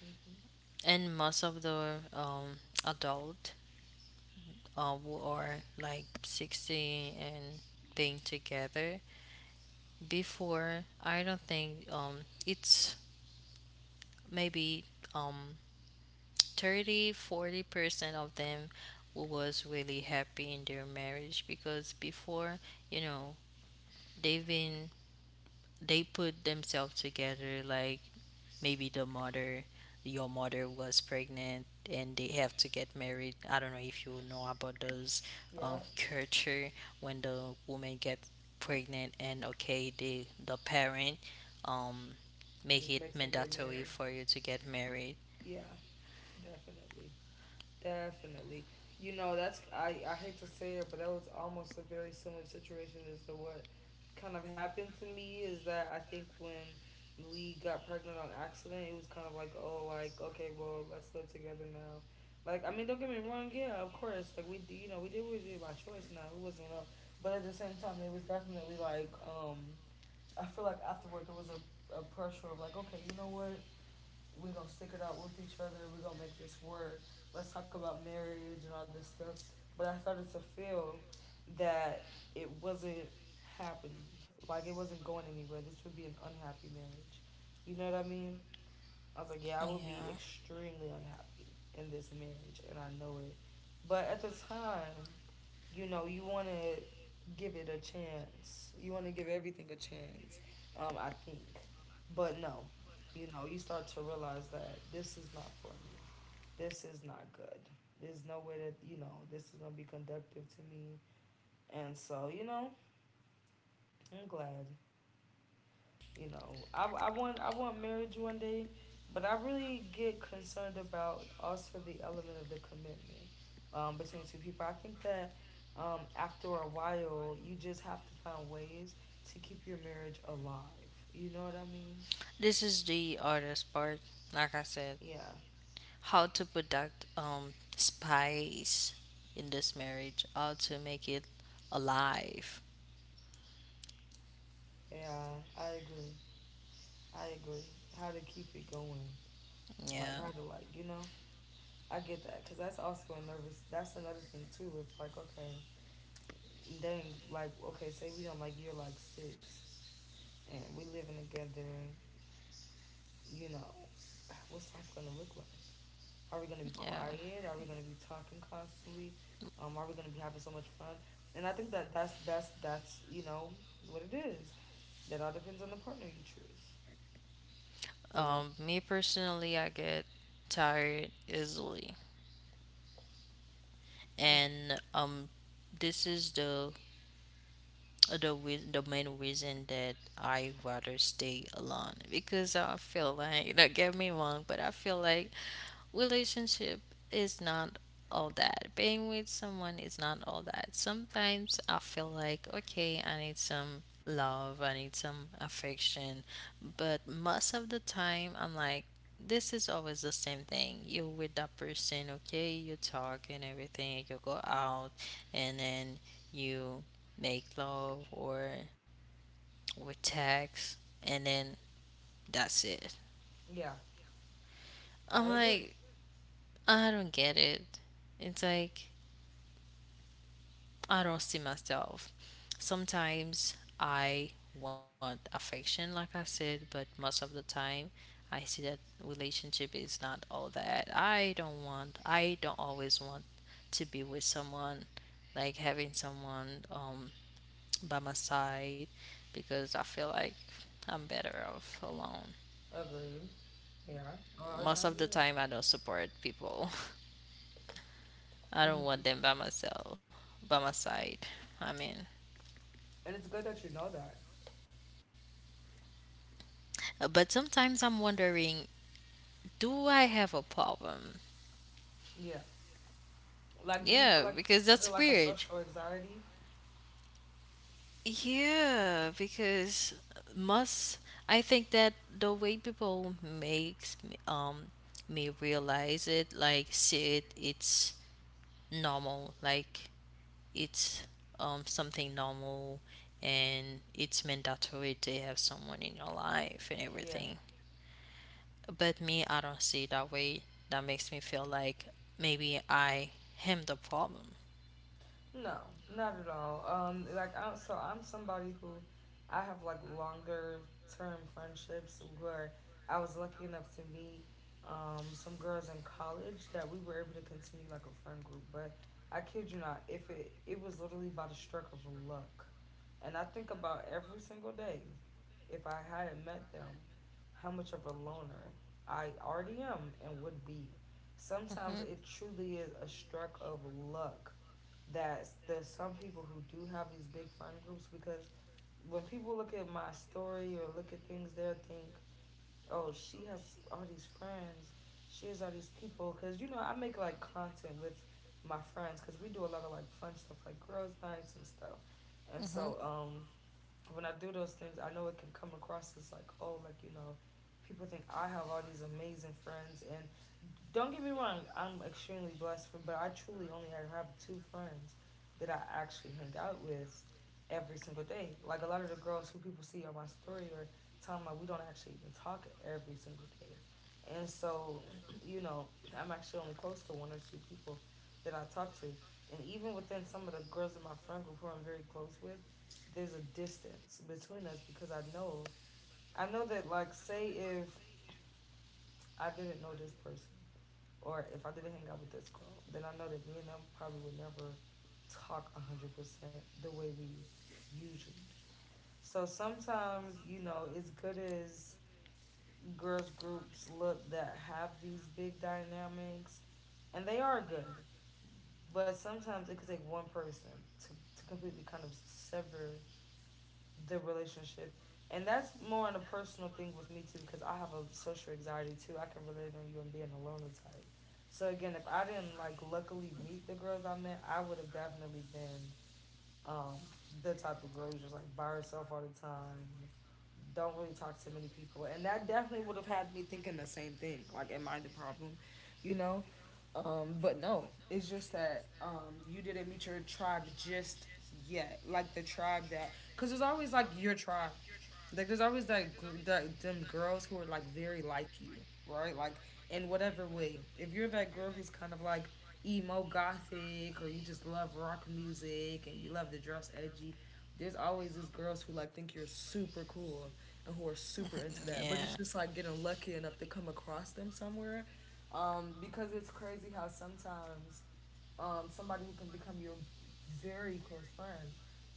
S2: Mm-hmm.
S1: and most of the adult who are like 60 and being together before, I don't think, it's maybe um, 30-40% of them who was really happy in their marriage because before you know they've been they put themselves together like maybe the mother your mother was pregnant and they have to get married. I don't know if you know about those
S2: Yeah,
S1: culture when the woman get pregnant and okay, the parent um make
S2: just
S1: it
S2: makes them get
S1: mandatory
S2: married.
S1: for you to get married.
S2: Yeah, definitely, definitely. You know, that's— I hate to say it, but that was almost a very similar situation as to what kind of happened to me, is that I think when we got pregnant on accident, it was kind of like, oh, like, okay, well, let's live together now. Like, I mean, don't get me wrong, yeah, of course, like we, you know, we did what we did by choice. Now it wasn't, but at the same time, it was definitely like, I feel like afterward there was a pressure of like, okay, you know what? We're gonna stick it out with each other. We're gonna make this work. Let's talk about marriage and all this stuff. But I started to feel that it wasn't happening. Like, it wasn't going anywhere. This would be an unhappy marriage. You know what I mean? I was like, yeah, I would be
S1: Yeah,
S2: extremely unhappy in this marriage, and I know it. But at the time, you know, you want to give it a chance. You want to give everything a chance, I think. But no, you know, you start to realize that this is not for me. This is not good. There's no way that, you know, this is going to be conductive to me. And so, you know, I'm glad. You know, I want marriage one day, but I really get concerned about also the element of the commitment between two people. I think that after a while, you just have to find ways to keep your marriage alive. You know what I mean?
S1: this is the hardest part, like I said,
S2: Yeah,
S1: how to protect spice in this marriage, how to make it alive.
S2: yeah, I agree. I agree. How to keep it going, like
S1: Yeah,
S2: how to, like, you know. I get that because that's also a nervous. That's another thing too. It's like, okay, dang, like okay, say we on like year like six. And we living together, you know, what's life gonna look like? Are we gonna be
S1: yeah.
S2: quiet? Are we gonna be talking constantly? Are we gonna be having so much fun? And I think that that's you know what it is. That all depends on the partner you choose. You know.
S1: Me personally, I get tired easily,
S2: Mm.
S1: and this is the main reason that I rather stay alone because I feel like, don't get me wrong, but I feel like relationship is not all that. Being with someone is not all that. Sometimes I feel like, okay, I need some love, I need some affection. But most of the time, I'm like, this is always the same thing. You're with that person, okay, you talk and everything, you go out, and then you make love or with text, and then that's it.
S2: Yeah,
S1: I'm
S2: I agree.
S1: like, I don't get it. It's like I don't see myself. Sometimes I want affection, like I said, but most of the time I see that relationship is not all that. I don't always want to be with someone, like having someone by my side, because I feel like I'm better off alone.
S2: Agreed. Yeah, a lot of
S1: Most
S2: times,
S1: of the
S2: yeah.
S1: time, I don't support people. I don't
S2: Hmm.
S1: want them by myself, by my side. I mean,
S2: And it's good that you know that.
S1: But sometimes I'm wondering, do I have a problem?
S2: Yeah. Like, do you
S1: Yeah,
S2: feel like,
S1: because
S2: is it
S1: that's
S2: like a
S1: weird.
S2: social anxiety?
S1: Yeah, because must I think that the way people makes me realize it, like see it, it's normal, like it's something normal, and it's mandatory to have someone in your life and
S2: Yeah.
S1: everything. But me, I don't see it that way. That makes me feel like maybe I am the problem.
S2: No, not at all. Like, I'm somebody who— I have like longer term friendships where I was lucky enough to meet some girls in college that we were able to continue like a friend group. But I kid you not, if it was literally by the stroke of luck, and I think about every single day, if I hadn't met them, how much of a loner I already am and would be. Sometimes it truly is a stroke of luck that there's some people who do have these big friend groups, because when people look at my story or look at things, they'll think, oh, she has all these friends. She has all these people. Because, you know, I make like content with my friends because we do a lot of like fun stuff like girls' nights and stuff. And so,
S1: Mm-hmm.
S2: when I do those things, I know it can come across as like, oh, like, you know, people think I have all these amazing friends. And don't get me wrong, I'm extremely blessed, for, but I truly only have 2 friends that I actually hang out with every single day. Like a lot of the girls who people see on my story or tell me, we don't actually even talk every single day. And so, you know, I'm actually only close to 1 or 2 people that I talk to. And even within some of the girls in my friend group who I'm very close with,
S1: I.
S2: there's a distance between us because I know that, like, say if I didn't know this person or if I didn't hang out with this girl, then I know that me and them probably would never talk 100% the way we usually do. So sometimes, you know, as good as girls groups look that have these big dynamics, and they are good. But sometimes it could take one person to completely kind of sever the relationship. And that's more on a personal thing with me too, because I have a social anxiety too. I can relate on you and being a loner type. So again, if I didn't like luckily meet the girls I met, I would have definitely been um, the type of girl who's just like by herself all the time, don't really talk to many people, and that definitely would have had me thinking the same thing. Like, am I the problem? You know. But no, it's just that, you didn't meet your tribe just yet. Like the tribe that— because it's always like your tribe, like there's always that them girls who are like very like you, right? Like, in whatever way. If you're that girl who's kind of like emo gothic, or you just love rock music and you love to dress edgy, there's always these girls who like think you're super cool and who are super into that.
S1: Yeah.
S2: But it's just like getting lucky enough to come across them somewhere. Because it's crazy how sometimes somebody who can become your very close friend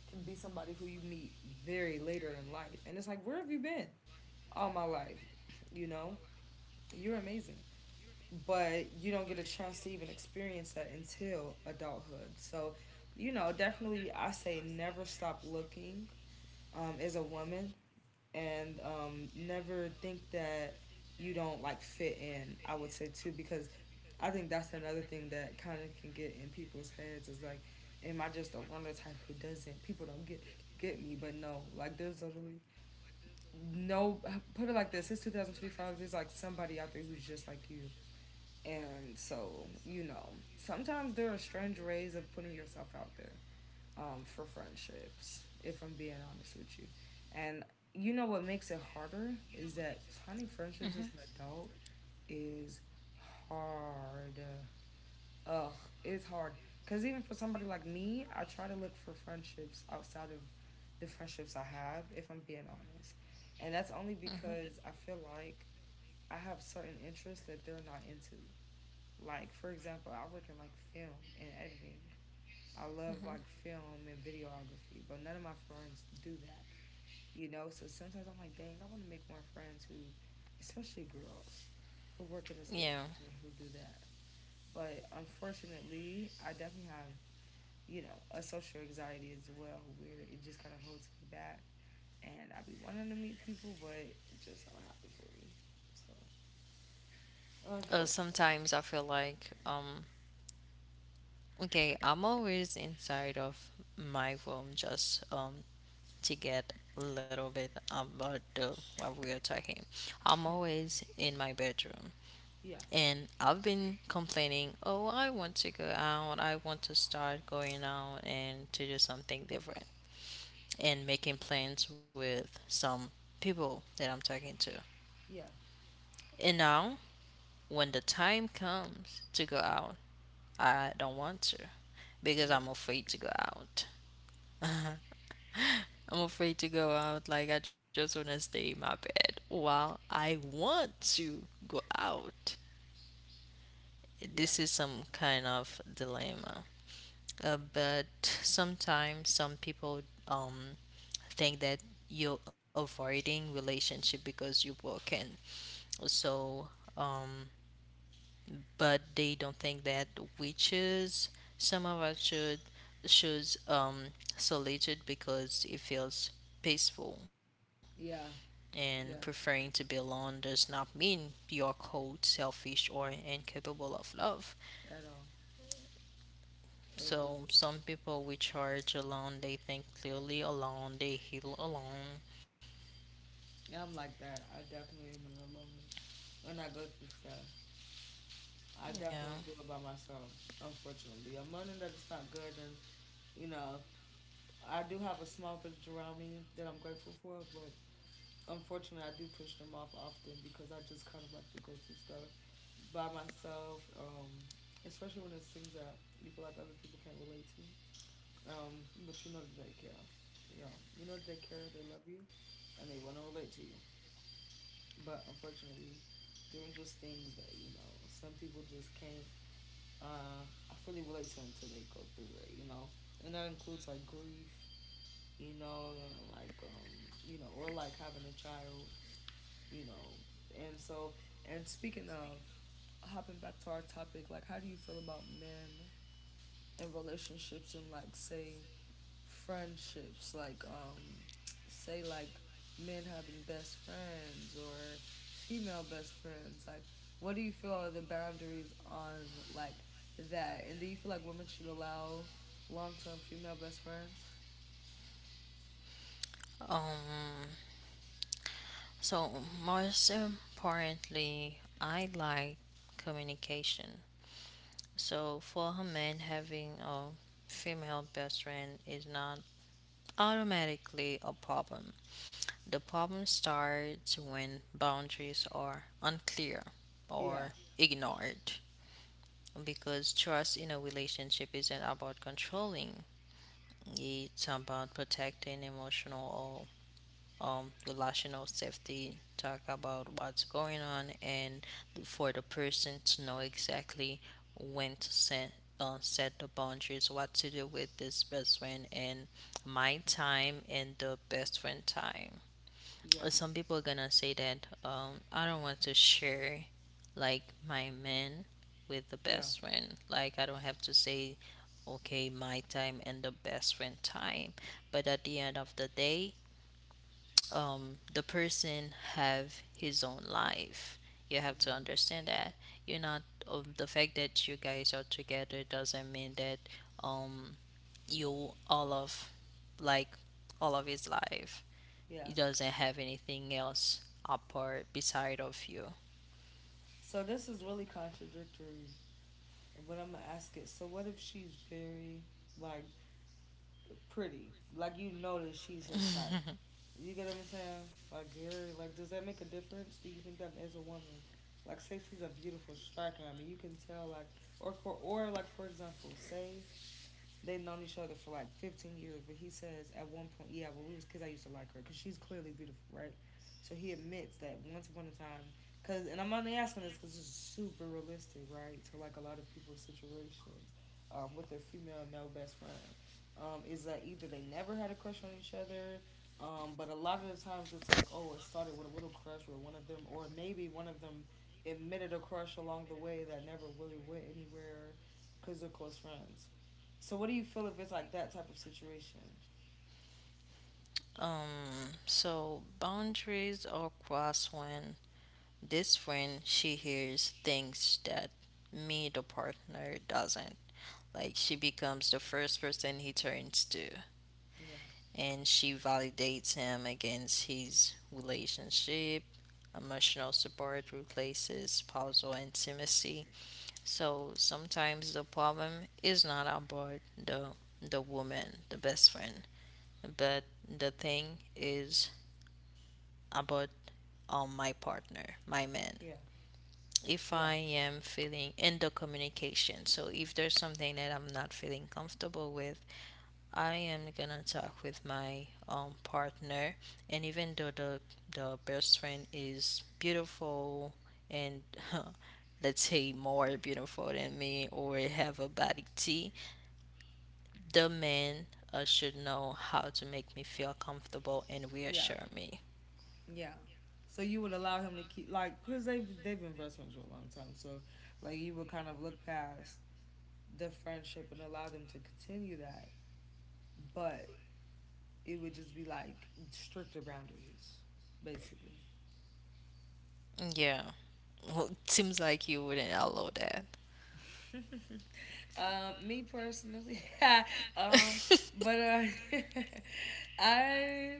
S2: can be somebody who you meet very later in life. And it's like, where have you been all my life? You know, you're amazing. But you don't get a chance to even experience that until adulthood. So, you know, definitely I say never stop looking, as a woman, and never think that you don't like fit in. I would say too, because I think that's another thing that kind of can get in people's heads, is like, am I just a runner type who doesn't— people don't get me, but no, like there's literally no. Put it like this: it's 2025, there's like somebody out there who's just like you, and so you know sometimes there are strange ways of putting yourself out there, for friendships, if I'm being honest with you. And you know what makes it harder is that
S1: Mhm.
S2: finding friendships as an adult is hard. Ugh, it's hard. Because even for somebody like me, I try to look for friendships outside of the friendships I have, if I'm being honest. And that's
S1: Mm-hmm.
S2: only because I feel like I have certain interests that they're not into. Like, for example, I work in like film and editing. I love
S1: Mm-hmm.
S2: like film and videography, but none of my friends do that, you know? So sometimes I'm like, dang, I want to make more friends who— especially girls, who work in this
S1: Yeah.
S2: industry who do that. But unfortunately, I definitely have, you know, a social anxiety as well, where it just kind of holds me back. And I be wanting to meet people, but it just don't happen for me. So unfortunate.
S1: Sometimes I feel like, okay, I'm always inside of my room just to get a little bit about the, what we are talking. I'm
S2: You know?
S1: always in my bedroom.
S2: Yeah,
S1: And I've been complaining, oh, I want to go out, I want to start going out and to do something different and making plans with some people that I'm talking to.
S2: yeah,
S1: And now, when the time comes to go out, I don't want to because
S2: yeah,
S1: I'm afraid to go out. I'm afraid to go out, like, I just want to stay in my bed while I want to go out.
S2: yeah,
S1: This is some kind of dilemma. But sometimes some people um, think that you're avoiding relationship because you're broken. So, um, but they don't think that witches, some of us should choose solitude because it feels peaceful.
S2: yeah,
S1: And preferring
S2: yeah,
S1: to be alone does not mean you're cold, selfish, or incapable of love.
S2: at all.
S1: So
S2: Agree.
S1: some people we charge alone, they think clearly alone, they heal alone.
S2: Yeah, I'm like that. I definitely am an loner. When I go through stuff, I
S1: Yeah.
S2: definitely do it by myself, unfortunately. I'm learning that it's not good, and, you know, I do have a small village around me that I'm grateful for, but unfortunately, I do push them off often because I just kind of like to go through stuff by myself, especially when it's things that you feel like other people can't relate to. But you know that they care. You know that they care, they love you, and they want to relate to you. But unfortunately, there are just things that some people just can't I fully relate to until they go through it. And that includes like grief, and like or like having a child, you know. And so and speaking of hopping back to our topic, like how do you feel about men and relationships and like say friendships like say like men having best friends or female best friends, like what do you feel are the boundaries on like that, and do you feel like women should allow long-term female best friends?
S1: Um so most importantly, I like communication. So for a man having a female best friend is not automatically a problem. The problem starts when boundaries are unclear
S2: Yeah.
S1: or ignored because trust in a relationship isn't about controlling. It's about protecting emotional or relational safety. Talk about what's going on and for the person to know exactly when to set the boundaries, what to do with this best friend and my time and the best friend time.
S2: Yeah,
S1: Some people are gonna say that I don't want to share like my man with the
S2: yeah,
S1: best friend. Like I don't have to say, okay, my time and the best friend time. But at the end of the day, the person have his own life. You have to
S2: mm-hmm.
S1: understand that you're not. The fact that you guys are together doesn't mean that um, you like all of his life.
S2: Yeah,
S1: He doesn't have anything else apart beside of you.
S2: so this is really contradictory, but I'm gonna ask it. So what if she's very, like, pretty? Like you notice she's his type. You get what I'm saying? Like, Gary, like, does that make a difference? Do you think that as a woman, like, say she's a beautiful striker. I mean, you can tell, like, or or like for example, say they've known each other for like 15 years, but he says at one point, yeah, when we was kids I used to like her because she's clearly beautiful, right? So he admits that once upon a time, because, and I'm only asking this because it's super realistic, right, to like a lot of people's situations, with their female and male best friend, is that either they never had a crush on each other, but a lot of the times it's like, oh, it started with a little crush or one of them, or maybe one of them admitted a crush along the way that never really went anywhere because they're close friends. So what do you feel if it's like that type of situation?
S1: So boundaries are crossed when this friend she hears things that me the partner doesn't. Like she becomes the first person he turns to,
S2: Yeah,
S1: and she validates him against his relationship. Emotional support replaces spousal intimacy. So sometimes the problem is not about the woman, the best friend, but the thing is about my partner, my man.
S2: yeah,
S1: If
S2: yeah,
S1: I am feeling in the communication, so if there's something that I'm not feeling comfortable with, I am gonna talk with my partner, and even though the best friend is beautiful and let's say more beautiful than me or have a body T, the man should know how to make me feel comfortable and
S2: yeah,
S1: reassure me.
S2: yeah. So you would allow him to keep, like, because they have, they've been best friends for a long time. So like you would kind of look past the friendship and allow them to continue that, but it would just be like stricter boundaries, basically.
S1: Yeah, well, it seems like you wouldn't allow that.
S2: Me personally, um, but I,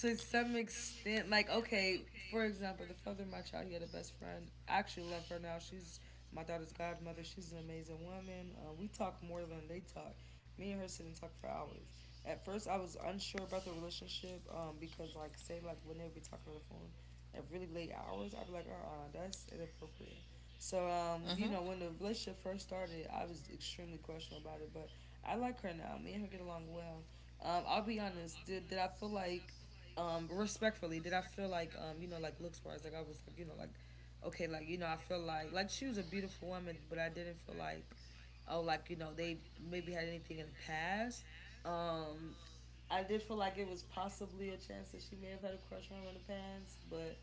S2: to some extent, like okay, for example, the father of my child, he had a best friend. I actually love her now. She's my daughter's godmother. She's an amazing woman. We talk more than they talk. Me and her sit and talk for hours. At first, I was unsure about the relationship because, like, say, like when they would be talking on the phone at really late hours, I'd be like, uh, that's inappropriate. So,
S1: Hmm.
S2: you know, when the relationship first started, I was extremely questionable about it, but I like her now. Me and her get along well. I'll be honest. Did I feel like, um, respectfully, did I feel like, um, you know, like looks wise, like I was like, you know, like okay, like, you know, I feel like, she was a beautiful woman, but I didn't feel like, oh, like you know they maybe had anything in the past. Um, I did feel like it was possibly a chance that she may have had a crush on him in the past, but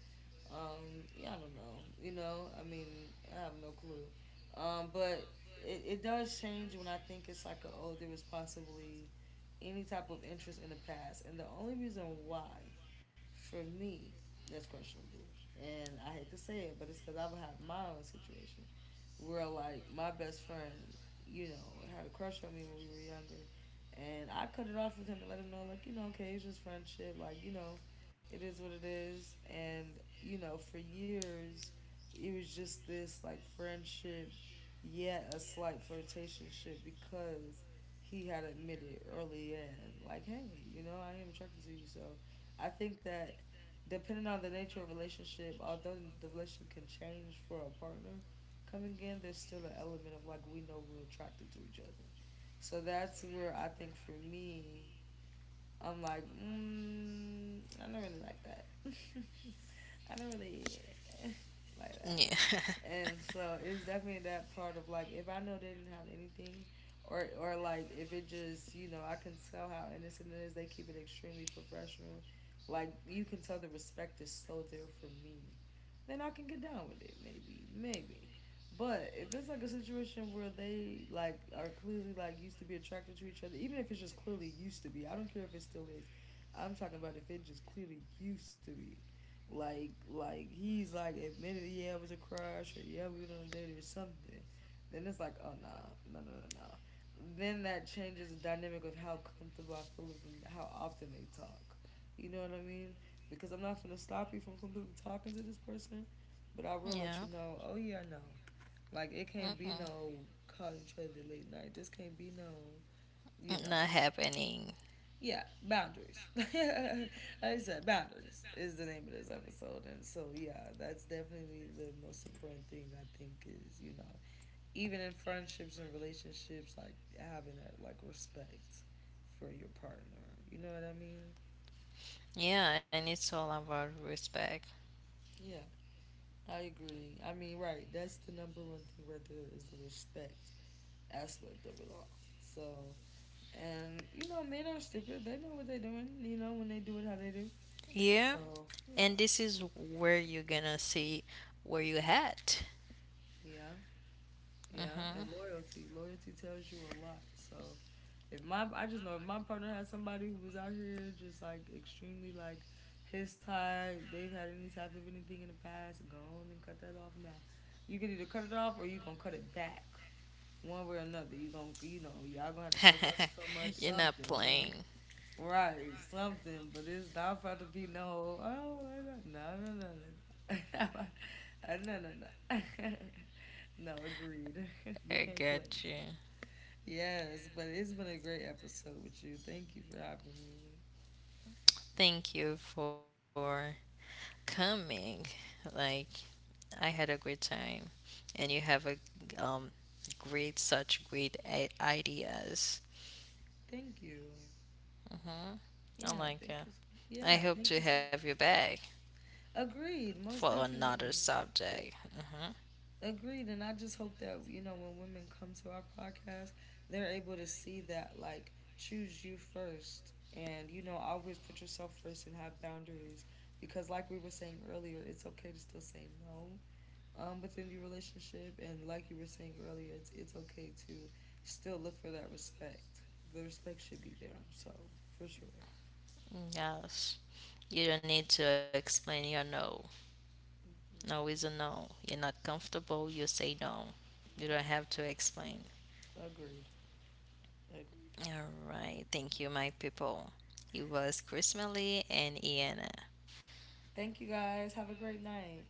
S2: um, yeah, I don't know, you know, I mean, I have no clue, um, but it does change when I think it's like a, oh, there was possibly any type of interest in the past. And the only reason why, for me, that's questionable. And I hate to say it, but it's because I would have my own situation where, like, my best friend, you know, had a crush on me when we were younger. And I cut it off with him and let him know, like, you know, okay, it's just friendship. Like, you know, it is what it is. And, you know, for years, it was just this like friendship, yet a slight flirtationship because he had admitted early in, like, hey, you know, I am attracted to you. So I think that depending on the nature of relationship, although the relationship can change for a partner coming in, there's still an element of like we know we're attracted to each other. So that's where I think for me, I'm like, mm, I don't really like that. I don't really like that.
S1: Yeah.
S2: And so it's definitely that part of like if I know they didn't have anything, or like if it just, you know, I can tell how innocent it is, they keep it extremely professional. Like you can tell the respect is so there for me, then I can get down with it. Maybe, maybe. But if it's like a situation where they like are clearly like used to be attracted to each other, even if it's just clearly used to be, I don't care if it still is. I'm talking about if it just clearly used to be. Like he's like admitted, yeah, it was a crush, or yeah, we were on a date or something. Then it's like, oh no, no no no no. Then that changes the dynamic of how comfortable I feel with them, how often they talk. You know what I mean? Because I'm not gonna stop you from completely talking to this person, but I will let
S1: Yeah.
S2: you know. Oh yeah, no. Like it can't be
S1: Mm-mm.
S2: no calling each other late night. This can't be no, you
S1: Not
S2: know.
S1: happening.
S2: Yeah, boundaries. I just said boundaries is the name of this episode, and so yeah, that's definitely the most important thing, I think, is you know, even in friendships and relationships, like having that like respect for your partner. You know what I mean?
S1: Yeah, and it's all about respect.
S2: Yeah. I agree. I mean, right. That's the number one thing right there is the respect aspect of it all. So, and you know, men are stupid. They know what they're doing. You know, when they do it, how they do.
S1: Yeah.
S2: So, yeah,
S1: And this is where you're gonna see where you at.
S2: yeah, yeah.
S1: Mm-hmm.
S2: And loyalty. Loyalty tells you a lot. So, if my, I just know if my partner had somebody who was out here just like extremely like his type, they've had any type of anything in the past, go on and cut that off now. You can either cut it off or you gonna cut it back. One way or another. You gonna, you know, y'all gonna have to stop talking so much.
S1: You're not
S2: Something,
S1: playing.
S2: right? Something, but it's not about to be no. Oh, no, no, no, no, no, uh, no, no, no. No, agreed. We
S1: I
S2: can't play.
S1: got you.
S2: So. Yes, but it's been a great episode with you. Thank you for having me.
S1: Thank you for coming. Like, I had a great time, and you have a um, great, such great ideas.
S2: Thank you.
S1: Hmm. I
S2: Yeah,
S1: like
S2: thank
S1: it.
S2: you. So,
S1: I
S2: yeah,
S1: hope
S2: thank
S1: to
S2: you so
S1: have you
S2: much.
S1: back
S2: Agreed,
S1: for
S2: most
S1: another
S2: definitely.
S1: subject. Hmm.
S2: Agreed, and I just hope that you know when women come to our podcast, they're able to see that like choose you first, and you know always put yourself first and have boundaries because like we were saying earlier, it's okay to still say no within your relationship, and like you were saying earlier, it's okay to still look for that respect. The respect should be there, so for sure.
S1: Yes. You don't need to explain your no. No is a no. You're not comfortable, you say no. You
S2: Yeah,
S1: don't have to explain.
S2: agreed, agreed.
S1: All right. Thank you, my people. It was Chris Melly and Iana.
S2: Thank you guys. Have a great night.